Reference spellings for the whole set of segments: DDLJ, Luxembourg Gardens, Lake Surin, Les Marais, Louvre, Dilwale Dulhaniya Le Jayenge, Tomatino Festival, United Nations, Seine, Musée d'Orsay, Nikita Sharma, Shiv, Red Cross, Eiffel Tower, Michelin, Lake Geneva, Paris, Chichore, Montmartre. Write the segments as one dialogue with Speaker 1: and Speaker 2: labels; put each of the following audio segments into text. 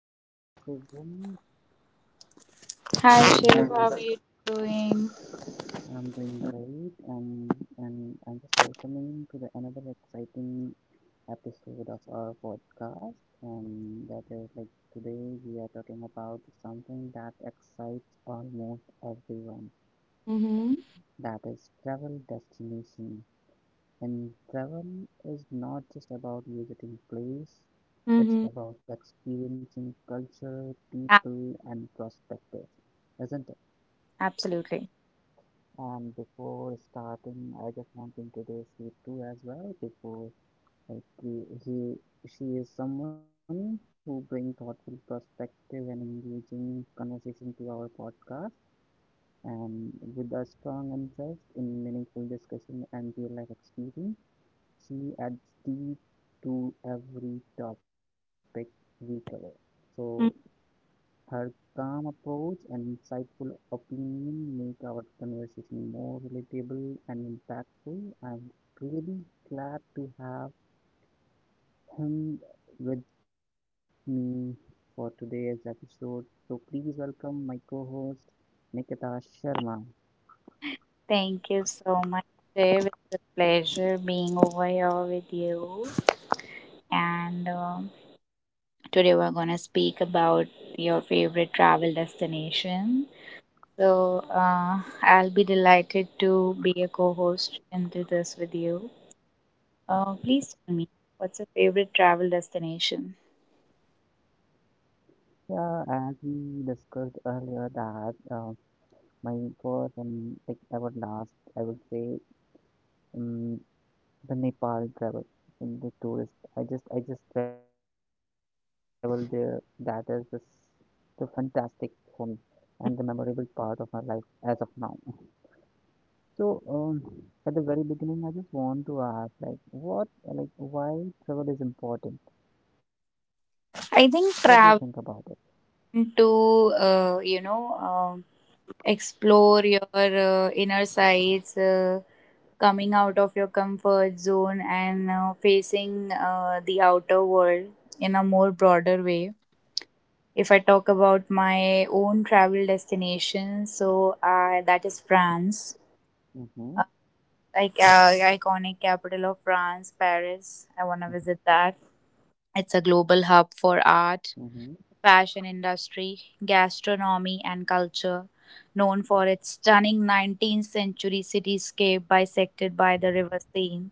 Speaker 1: Hello everyone
Speaker 2: Hi
Speaker 1: and
Speaker 2: Shiv, how
Speaker 1: welcome.
Speaker 2: are you doing?
Speaker 1: I'm doing great and I'm just welcoming to the another exciting episode of our podcast, and that is like today we are talking about something that excites almost everyone.
Speaker 2: Mm-hmm.
Speaker 1: That is travel destination. And travel is not just about visiting place, it's
Speaker 2: Mm-hmm.
Speaker 1: about experiencing culture,
Speaker 2: A-
Speaker 1: people and perspective, isn't it?
Speaker 2: Absolutely.
Speaker 1: And before starting, I just want to introduce Ritu as well. Before like he she is someone who brings thoughtful perspective and engaging conversation to our podcast, and with a strong interest in meaningful discussion and real life experience, she adds deep to every topic we cover. So
Speaker 2: Mm.
Speaker 1: her calm approach and insightful opinion make our conversation more relatable and impactful. I'm really glad to have him with me for today's episode. So please welcome my co-host Nikita Sharma.
Speaker 2: Thank you so much, Shiv. It's a pleasure being over here with you. And today we're going to speak about your favorite travel destination. So I'll be delighted to be a co host into this with you. Please tell me, what's your favorite travel destination?
Speaker 1: Yeah, as we discussed earlier that my first and like ever last, I would say, um, the Nepal travel, the tourist. I just travel there. That is the fantastic for me and the memorable part of my life as of now. So, at the very beginning, I just want to ask like what like why travel is important. What do you think about it?
Speaker 2: I think traveling to, you know, explore your inner sides, coming out of your comfort zone and facing the outer world in a more broader way. If I talk about my own travel destination, so that is France,
Speaker 1: Mm-hmm.
Speaker 2: uh, iconic capital of France, Paris. I want to visit that. It's
Speaker 1: Mm-hmm.
Speaker 2: a global hub for art, fashion industry, gastronomy, and culture, known for its stunning 19th century cityscape bisected by the River Seine.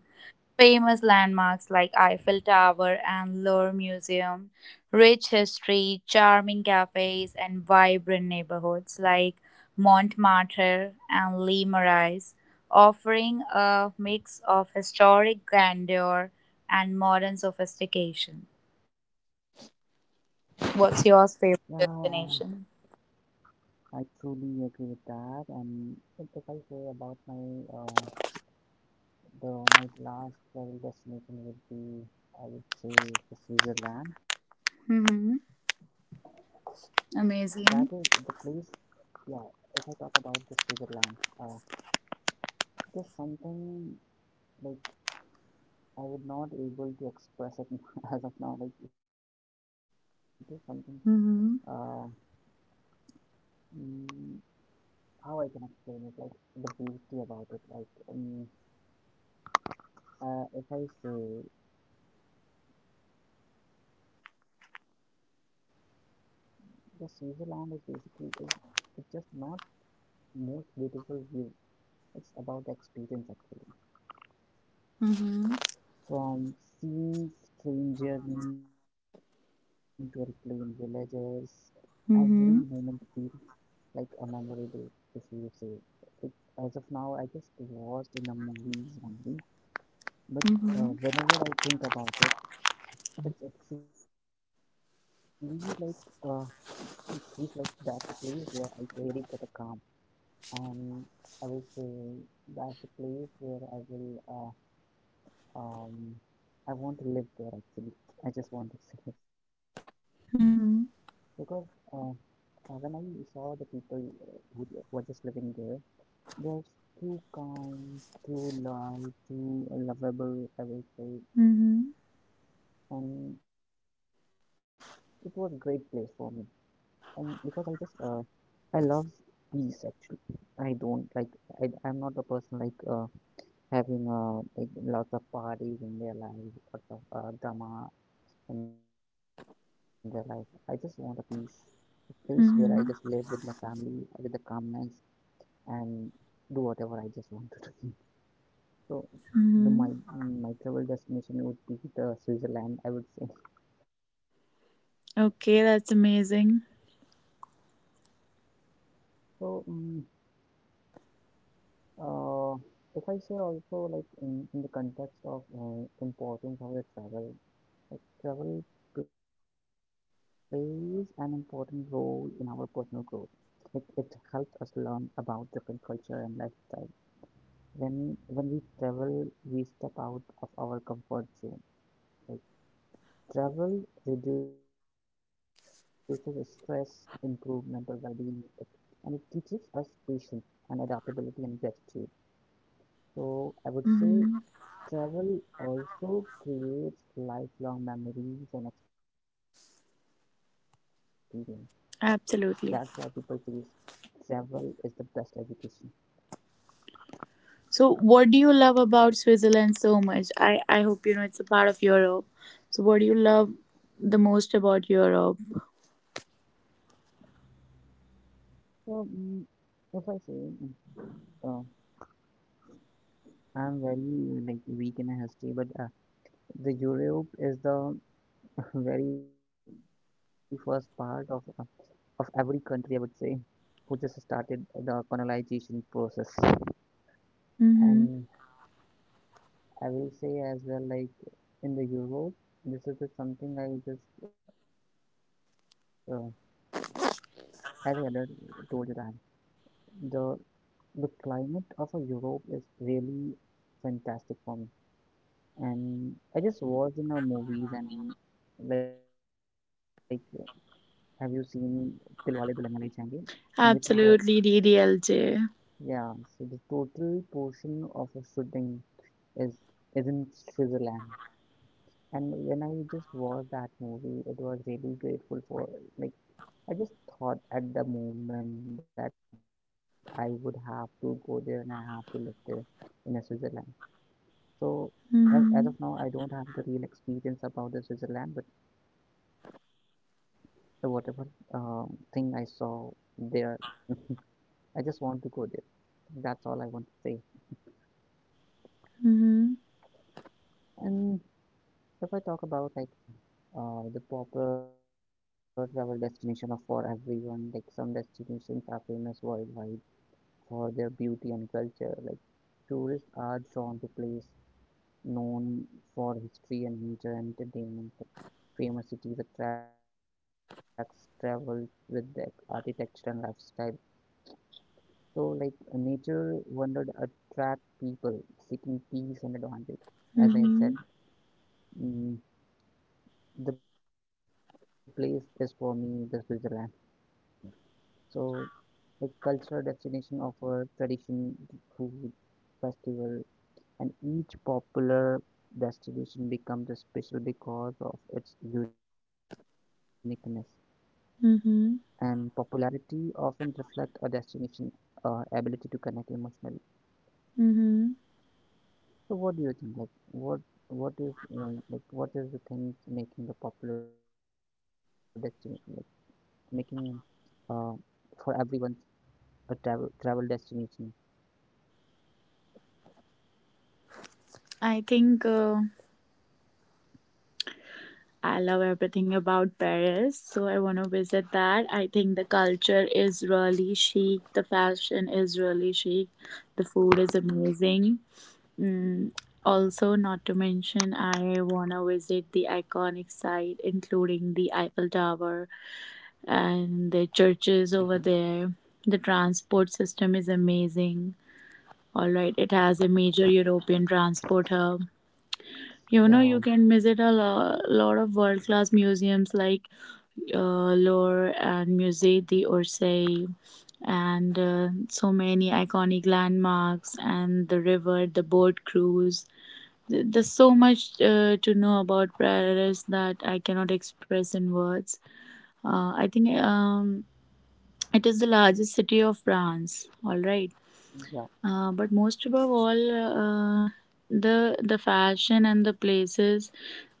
Speaker 2: Famous landmarks like Eiffel Tower and Louvre Museum, rich history, charming cafes, and vibrant neighborhoods like Montmartre and Les Marais, offering a mix of historic grandeur and modern sophistication.
Speaker 1: Yeah,
Speaker 2: What's
Speaker 1: um,
Speaker 2: your favorite destination?
Speaker 1: I truly agree with that. And if I say about my uh, though my last travel destination would be, I would say, the Switzerland.
Speaker 2: Mhm.
Speaker 1: That is the place,
Speaker 2: Amazing.
Speaker 1: yeah, if I talk about the Switzerland, uh, there's something like I would not able to express it as of now. Like it is something, uh,
Speaker 2: Mhm.
Speaker 1: mm, how I can explain it, like the beauty about it. Like if I say the Switzerland is basically it's just not most beautiful view. It's about the experience actually.
Speaker 2: Mhm.
Speaker 1: From seeing stranger to replaying villagers, every moment
Speaker 2: Mhm.
Speaker 1: feels like a memorable, if you say. It, as of now, I just watched in a movie only, but
Speaker 2: Mhm.
Speaker 1: whenever I think about it, it's actually like it feels like that the place where I really get a calm, and I will say that's the place where I will. Um, I want to live there actually. I just want to see it because uh,
Speaker 2: Mhm.
Speaker 1: when I saw the people who were just living there, they're too kind, too loyal, too lovable, I will say,
Speaker 2: Mhm.
Speaker 1: and it was a great place for me. And because I love peace actually. I don't like. I'm not a person like having like lots of parties in their lives, lots of drama in they life. I just want a peace place where I just live with my
Speaker 2: Mhm.
Speaker 1: family with a calmness and do whatever I just want to do. So the my
Speaker 2: Mhm.
Speaker 1: my travel destination would be the Switzerland, I would say.
Speaker 2: Okay, that's amazing.
Speaker 1: So uh, if I say also like in the context of importance of the travel, like travel plays an important role in our personal growth. It helps us learn about different culture and lifestyle. When we travel, we step out of our comfort zone, like travel reduces stress, improve mental well-being, and it teaches us patience and adaptability and gratitude. So I would say
Speaker 2: Mhm.
Speaker 1: travel also creates lifelong memories and experience. That's why people say
Speaker 2: Absolutely.
Speaker 1: travel is the best education.
Speaker 2: So, what do you love about Switzerland so much? I hope you know it's a part of Europe. So, what do you love the most about Europe?
Speaker 1: So, if I say, mm, uh, I'm very like weak in history, but the Europe is the very first part of every country, I would say, who just started the colonization process.
Speaker 2: Mm-hmm.
Speaker 1: And I will say as well, like in the Europe, this is just something I just uh, as I earlier told you that the the climate of a Europe is really fantastic for me. And I just watched in our movies and like have you seen Dilwale Dulhaniya Le Jayenge? In which the
Speaker 2: Absolutely, DDLJ.
Speaker 1: Yeah, so the total portion of a shooting is is in Switzerland. And when I just watched that movie, it was really grateful for, like, I just thought at the moment that I would have to go there and I have to live there in a Switzerland. So as of now, I
Speaker 2: Mm-hmm.
Speaker 1: don't have the real experience about the Switzerland, but the whatever thing I saw there, I just want to go there. That's all I want to say.
Speaker 2: Mm-hmm.
Speaker 1: And if I talk about like the popular travel destination are for everyone. Like some destinations are famous worldwide for their beauty and culture. Like tourists are drawn to places known for history and nature and entertainment. Like, famous cities attracts travel with their architecture and lifestyle. So like nature wonder attract people seeking peace and advantage. As I said,
Speaker 2: Mm-hmm.
Speaker 1: mm, the place is for me the Switzerland. So the cultural destination offer tradition, food, festival, and each popular destination becomes special because of its uniqueness. And
Speaker 2: Mm-hmm.
Speaker 1: popularity often reflect a destination ability to connect emotionally.
Speaker 2: Mm-hmm.
Speaker 1: So, what do you think? Like, what is like what is the things making the popular destination, like making uh for everyone's a travel destination?
Speaker 2: I think. I love everything about Paris, so I want to visit that. I think the culture is really chic, the fashion is really chic, the food is amazing. Mm, also, not to mention, I want to visit the iconic site, including the Eiffel Tower
Speaker 1: Hmm.
Speaker 2: and the churches over there. The transport system is amazing. All right, it has a major European transport hub. You know,
Speaker 1: Yeah,
Speaker 2: you can visit a lot of world class museums like lore and Musée d'Orsay and so many iconic landmarks and the river, the boat cruise. There's so much to know about Paris that I cannot express in words. I think it is the largest city of France, all right.
Speaker 1: yeah,
Speaker 2: But most above all, the fashion and the places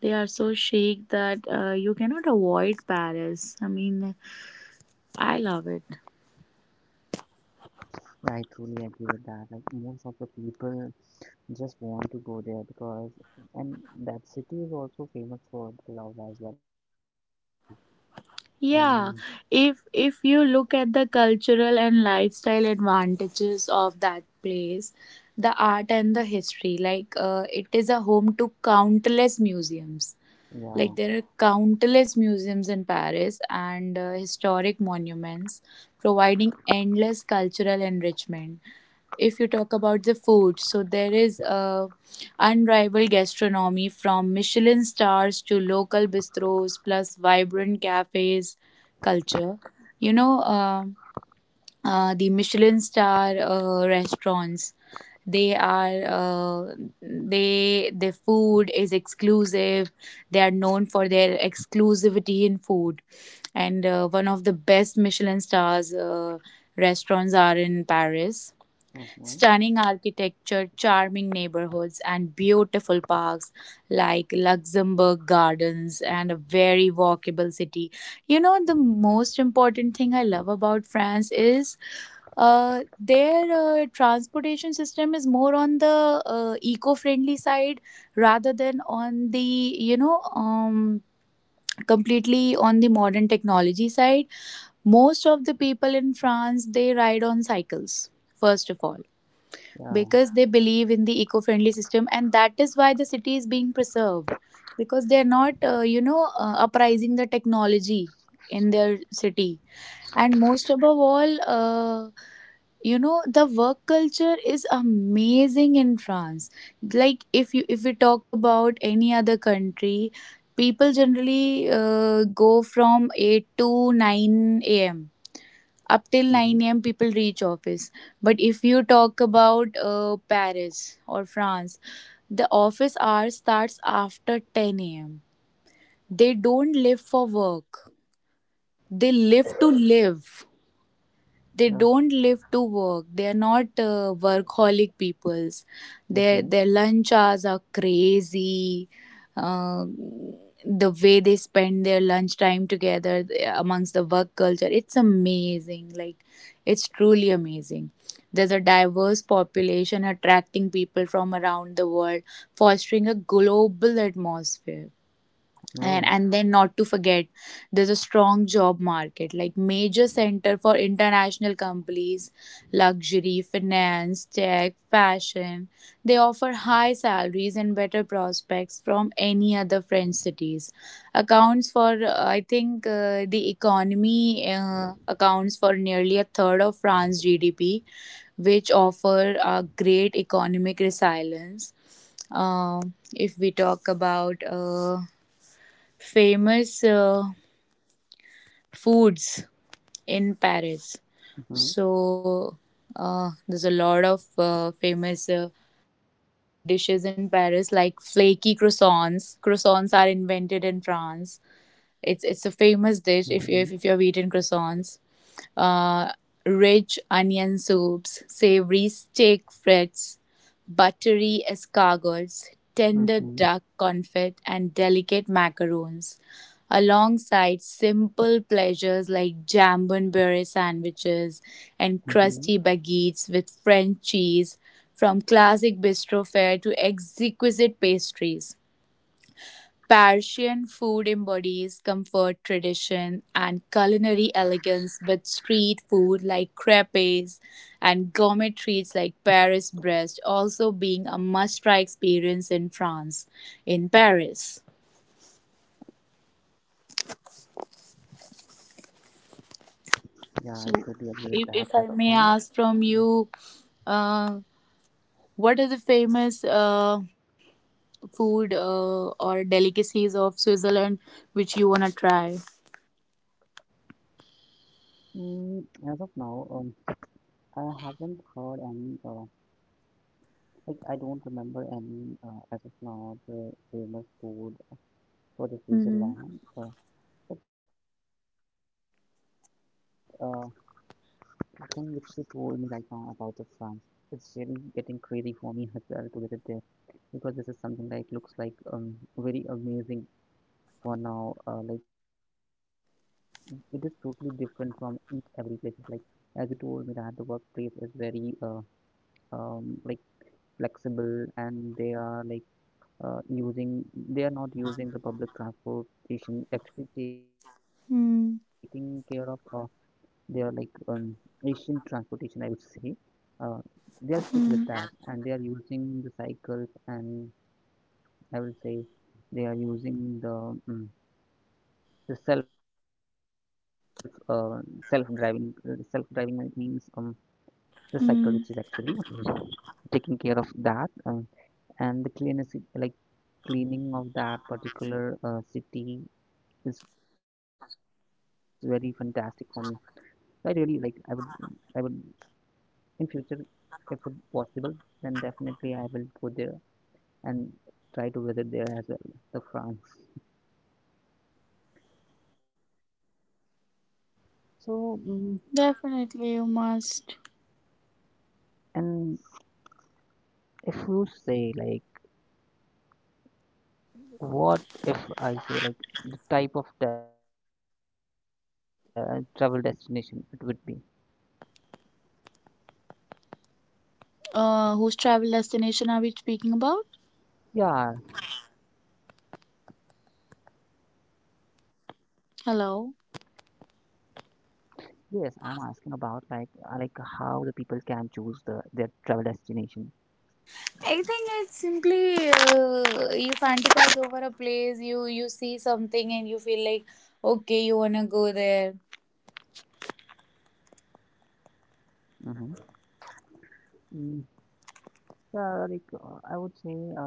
Speaker 2: they are so chic that you cannot avoid Paris. I mean, I love it.
Speaker 1: I truly agree with that. Like most of the people just want to go there because, and that city is also famous for the love as well. And
Speaker 2: Yeah, if you look at the cultural and lifestyle advantages of that place, the art and the history, like it is a home to countless museums. Like
Speaker 1: yeah,
Speaker 2: there are countless museums in Paris and historic monuments, providing endless cultural enrichment. If you talk about the food, so there is unrivaled gastronomy from Michelin stars to local bistros plus vibrant cafes culture. You know, the Michelin star restaurants. They are they their food is exclusive. They are known for their exclusivity in food, and one of the best Michelin stars restaurants are in Paris.
Speaker 1: mm-hmm,
Speaker 2: Stunning architecture, charming neighborhoods, and beautiful parks like Luxembourg Gardens and a very walkable city. You know, the most important thing I love about France is their transportation system is more on the eco-friendly side rather than on the completely on the modern technology side. Most of the people in France, they ride on cycles first of all,
Speaker 1: yeah,
Speaker 2: because they believe in the eco-friendly system, and that is why the city is being preserved because they are not you know uprising the technology in their city. And most above all, you know, the work culture is amazing in France. Like if you, if we talk about any other country, people generally go from 8 to 9 a.m up
Speaker 1: mm-hmm,
Speaker 2: till 9 a.m. people reach office. But if you talk about Paris or France, the office hour starts after 10 a.m. They don't live for work. They live to live,
Speaker 1: no,
Speaker 2: they don't live to work. They are not workaholic peoples. their
Speaker 1: mm-hmm,
Speaker 2: their lunch hours are crazy. uh, the way they spend their lunch time together amongst the work culture, it's amazing. Like it's truly amazing. There's a diverse population attracting people from around the world, fostering a global atmosphere. and
Speaker 1: no,
Speaker 2: and then, not to forget, there's a strong job market, like major center for international companies, luxury, finance, tech, fashion. They offer high salaries and better prospects from any other French cities. Accounts for I think the economy accounts for nearly a third of France GDP, which offer a great economic resilience. If we talk about famous foods in
Speaker 1: mm-hmm,
Speaker 2: Paris. So there's a lot of famous iconic dishes in Paris, like flaky croissants. Croissants are invented in France. It's
Speaker 1: mm-hmm,
Speaker 2: a famous dish if you have eaten croissants, uh, rich onion soups, savory steak frites, buttery escargots, tender
Speaker 1: mm-hmm,
Speaker 2: duck confit, and delicate macaroons, alongside simple pleasures like jambalaya sandwiches and
Speaker 1: mm-hmm.
Speaker 2: crusty baguettes with French cheese, from classic bistro fare to exquisite pastries. Persian food embodies comfort, tradition, and culinary elegance, with street food like crepes and gourmet treats like Paris breast also being a must-try experience in France, in Paris.
Speaker 1: Yeah, I truly agree with
Speaker 2: So,
Speaker 1: that. As of
Speaker 2: if I
Speaker 1: now,
Speaker 2: may ask from you, uh, what are the famous food or delicacies of Switzerland which you wanna try?
Speaker 1: mm, as of now, I haven't heard any. Like I don't remember any as of now the famous food for the future
Speaker 2: Mm-hmm.
Speaker 1: Lemon. But the thing which you told me right now about the France, it's really getting crazy for me as well to visit there because this is something like looks like very amazing for now. Like it is totally different from each every place. Like as you told me that the workplace is very like flexible, and they are like using. They are not using the public transportation, actually taking care of they are like Asian transportation, I would say. Uh, they are stick
Speaker 2: Mm-hmm.
Speaker 1: with that, and they are using the cycles, and I will say they are using the self self driving means the cycle, which is actually taking care of that, and the cleanness like cleaning of that particular city is very fantastic for me. So I really like. I would in future if possible, then definitely I will go there and try to visit there as well, the France. So,
Speaker 2: Definitely, you must.
Speaker 1: and if you say like, what if I say like the type of the travel destination it would be?
Speaker 2: Whose travel destination are we speaking about?
Speaker 1: Yeah,
Speaker 2: Hello.
Speaker 1: yes, I'm asking about like how the people can choose the their travel destination.
Speaker 2: I think it's simply you fantasize over a place, you see something and you feel like okay, you wanna go there.
Speaker 1: Mm-hmm. Mm, yeah, like I would say,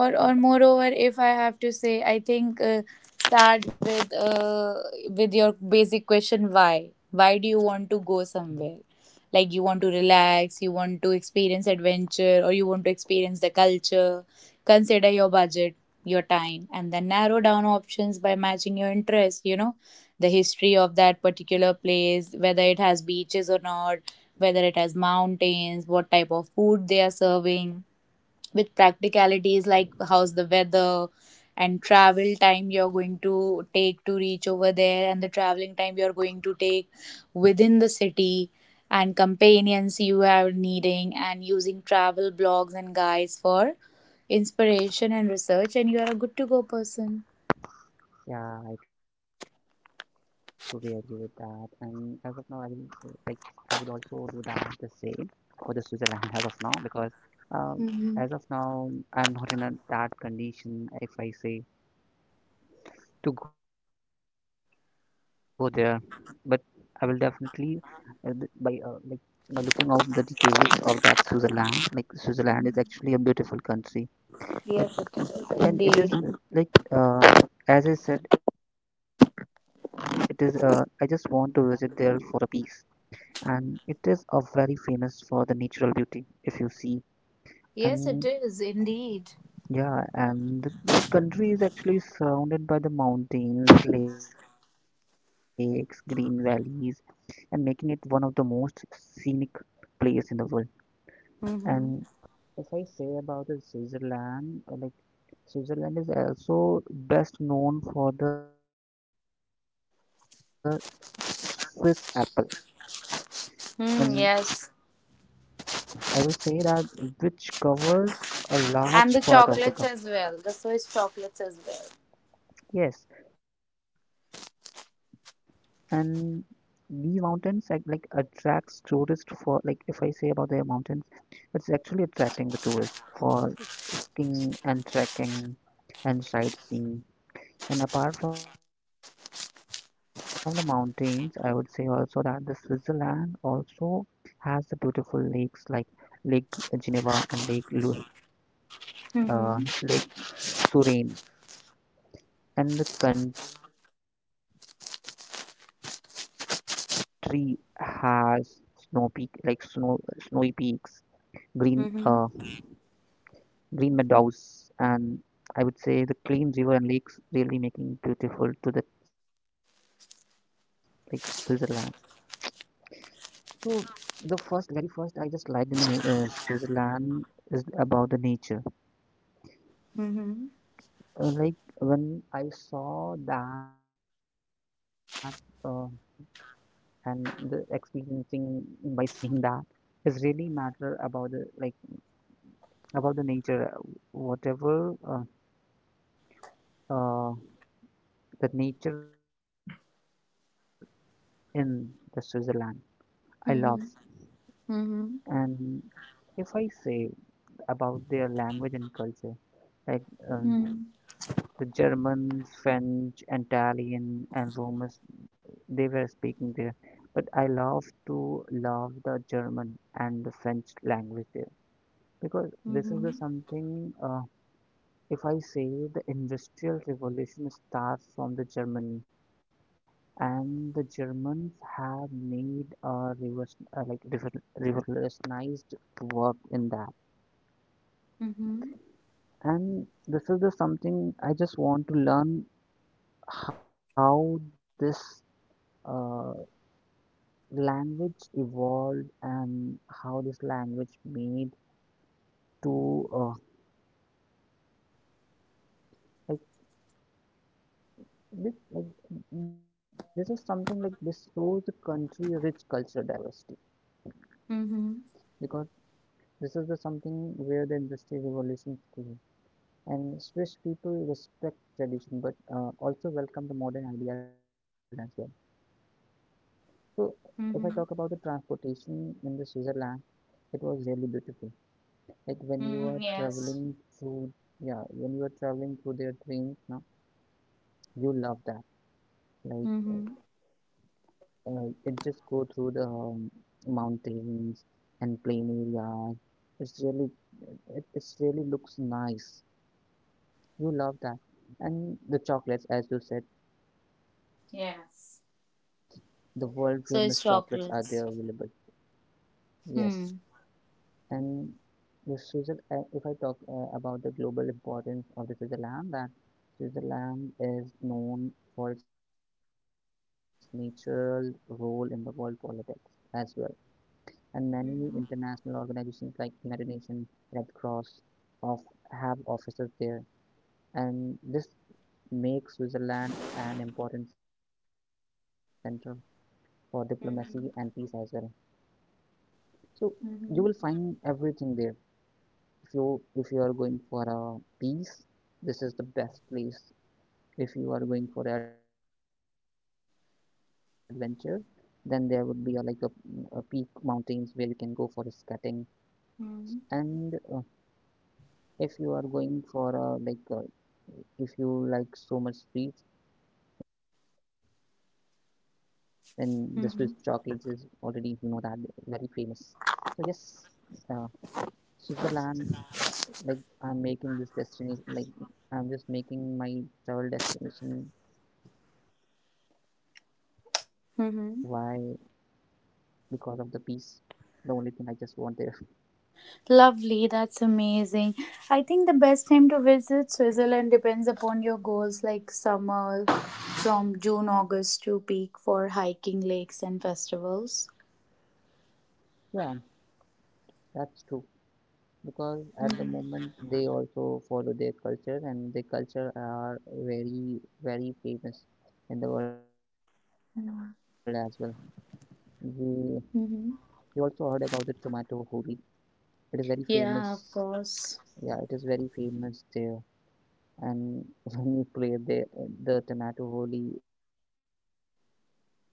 Speaker 2: or
Speaker 1: uh,
Speaker 2: or moreover, if I have to say, I think start with your basic question, why do you
Speaker 1: mhm.
Speaker 2: want to go somewhere. Like you want to relax, you want to experience adventure, or you want to experience the culture. Consider your budget, your time, and then narrow down options by matching your interest. You know the history of that particular place, whether it has beaches or not, whether it has mountains, what type of food they are serving, with practicalities like how's the weather and travel time you're going to take to reach over there and the traveling time you're going to take within the city and companions you are needing and using travel blogs and guides for inspiration and research, and you are a good to go person.
Speaker 1: Yeah, I truly agree with that. And as of now, I will like I would also do that the same for the Switzerland as of now because um, as of
Speaker 2: Hmm.
Speaker 1: now I'm not in a, that condition if I say to go there, but I will definitely by like by looking out the details of that Switzerland. Like Switzerland is actually a beautiful country. But
Speaker 2: Yes it is
Speaker 1: and it
Speaker 2: indeed.
Speaker 1: is like as I said, it is I just want to visit there for a peace, and it is a very famous for the natural beauty, if you see.
Speaker 2: Yes
Speaker 1: And
Speaker 2: it is indeed.
Speaker 1: yeah, and the country is actually surrounded by the mountains, lakes, green valleys and making it one of the most scenic place in the world. And
Speaker 2: Hmm.
Speaker 1: if I say about the Switzerland, like Switzerland is also best known for the Swiss Apple. And
Speaker 2: Mm, yes.
Speaker 1: I will say that which covers a
Speaker 2: And the
Speaker 1: large part of the
Speaker 2: chocolates
Speaker 1: country.
Speaker 2: as well, the swiss chocolates as well.
Speaker 1: Yes, and these mountains like attracts tourists for, like, if I say about the mountains, it's actually attracting the tourists for skiing and trekking and sightseeing. And apart from the mountains, I would say also that the Switzerland also has the beautiful lakes like Lake Geneva and
Speaker 2: Hmm.
Speaker 1: uh, Lake Surin, and the country has snow peak like snow snowy peaks, green green
Speaker 2: Mhm.
Speaker 1: meadows, and I would say the clean river and lakes really making beautiful to the like Switzerland. So the first, very first, I just liked in the new, Switzerland is about the nature.
Speaker 2: Mhm.
Speaker 1: Like when I saw that uh, and the experiencing by seeing that is really matter about the about the nature whatever uh, the nature in the Switzerland I love.
Speaker 2: Mhm. Mhm.
Speaker 1: And if I say about their language and culture, like um,
Speaker 2: Mhm.
Speaker 1: the German, French, Italian, and Romans, they were speaking there, but I love to love the German and the French language there because this is the
Speaker 2: Mhm.
Speaker 1: something if I say the Industrial Revolution starts from the Germany, and the Germans have made a revolution, like revolutionized work in that.
Speaker 2: Mhm.
Speaker 1: And this is the something I just want to learn how this uh, language evolved and how this language made to like this like this is something like this shows the country rich cultural diversity,
Speaker 2: Mhm.
Speaker 1: because this is the something where the industry revolution came, and Swiss people respect tradition but also welcome the modern ideas as well. So, if I talk about the
Speaker 2: Mhm.
Speaker 1: transportation in the Switzerland, it was really beautiful. Like when you are
Speaker 2: Mm,
Speaker 1: traveling
Speaker 2: Yes.
Speaker 1: through, yeah, when you are traveling through their trains now, you love that. Like uh,
Speaker 2: Mhm.
Speaker 1: it just go through the mountains and plain areas. It's really, it's really looks nice. You love that. And the chocolates, as you said,
Speaker 2: Yes.
Speaker 1: the world famous chocolates are
Speaker 2: So
Speaker 1: there
Speaker 2: it's
Speaker 1: available.
Speaker 2: chocolates.
Speaker 1: Yes.
Speaker 2: Hmm.
Speaker 1: And the Switzerland, if I talk about the global importance of the Switzerland, that Switzerland is known for its natural role in the world politics as well. And many international
Speaker 2: Mhm.
Speaker 1: organizations like United Nations, Red Cross, of have offices there. And this makes Switzerland an important center for diplomacy and peace as well.
Speaker 2: Mhm.
Speaker 1: So you will
Speaker 2: Mhm.
Speaker 1: find everything there. if you if you are going for a peace, this is the best place. If you are going for adventure, then there would be a peak mountains where you can go for skating.
Speaker 2: Mhm.
Speaker 1: And if you are going for if you like so much sweets, then the swiss chocolates is already you know that
Speaker 2: Mhm.
Speaker 1: very famous. So yes, uh, Switzerland, uh, like I'm making this destination, like I'm just making my travel destination. Why? Because of
Speaker 2: Mhm.
Speaker 1: the peace. The only thing I just want there.
Speaker 2: Lovely, that's amazing. I think the best time to visit Switzerland depends upon your goals, like summer from June, August to peak for hiking, lakes, and festivals.
Speaker 1: Yeah, that's true. Because at the moment they also follow their culture, and their culture are very, very famous in the world as well. We you also
Speaker 2: Mm-hmm.
Speaker 1: heard about the tomato holy. It is very
Speaker 2: Yeah, of
Speaker 1: famous.
Speaker 2: course.
Speaker 1: Yeah, it is very famous there. And when you play the tomato holi is very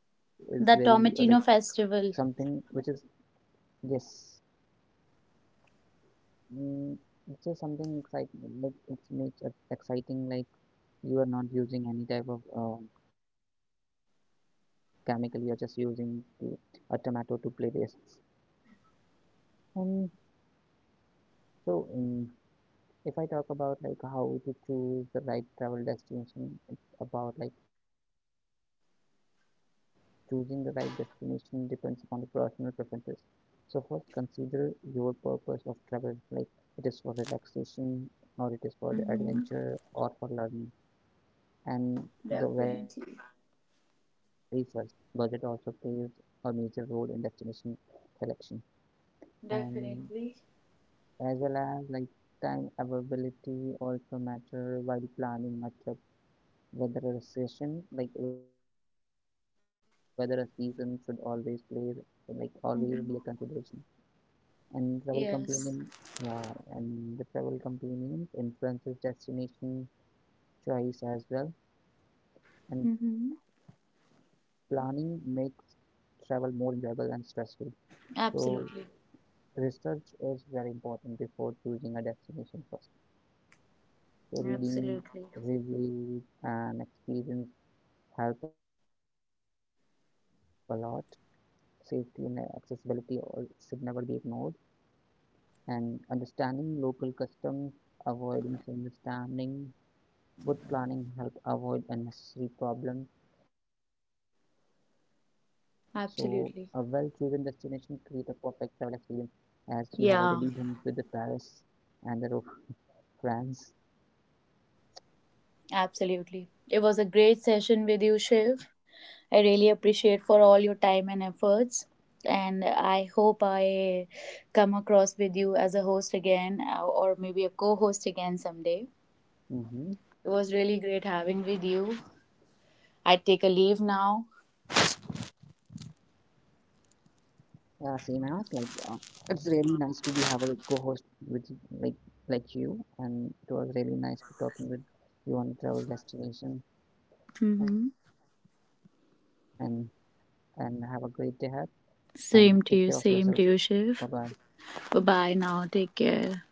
Speaker 1: something
Speaker 2: The
Speaker 1: which is
Speaker 2: Tomatino Festival.
Speaker 1: yes mm, it's just something exciting like it makes it exciting like you are not using any type of chemical, you are just using a tomato to play this. And so if I talk about like how to choose the right travel destination, it's about like choosing the right destination depends upon the personal preferences. So first consider your purpose of travel, like it is for relaxation or it is for the
Speaker 2: Mm-hmm.
Speaker 1: adventure or for learning. And the very first
Speaker 2: Definitely.
Speaker 1: budget also plays a major role in destination selection. And
Speaker 2: Definitely.
Speaker 1: as well as like time availability also matter while planning a trip. Whether a session, like whether a season should always play, like always be a consideration,
Speaker 2: Mm-hmm.
Speaker 1: and travel companion,
Speaker 2: Yes.
Speaker 1: yeah, and the travel companions influences destination choice as well. And
Speaker 2: Mm-hmm.
Speaker 1: planning makes travel more enjoyable and stress free. So
Speaker 2: Absolutely.
Speaker 1: research is very important before choosing a destination first. So reading
Speaker 2: Absolutely.
Speaker 1: reviews and experience help a lot. Safety and accessibility all should never be ignored, and understanding local customs, avoiding misunderstanding. Good planning help avoid unnecessary problems. So a well chosen destination create a
Speaker 2: Absolutely.
Speaker 1: perfect travel experience, as you have already done with the
Speaker 2: Yeah,
Speaker 1: Paris and France.
Speaker 2: Absolutely. It was a great session with you, Shiv. I really appreciate for all your time and efforts. And I hope I come across with you as a host again or maybe a co-host again someday.
Speaker 1: Mm-hmm.
Speaker 2: It was really great having with you. I take a leave now.
Speaker 1: Yeah, same as like it's really nice to be have a co-host with like like you, and it was really nice to talking with you on travel destination.
Speaker 2: Mm-hmm.
Speaker 1: and and have a great day ahead and take care of yourself.
Speaker 2: Same to
Speaker 1: Bye
Speaker 2: you,
Speaker 1: bye.
Speaker 2: Shiv. Bye bye now. Take care.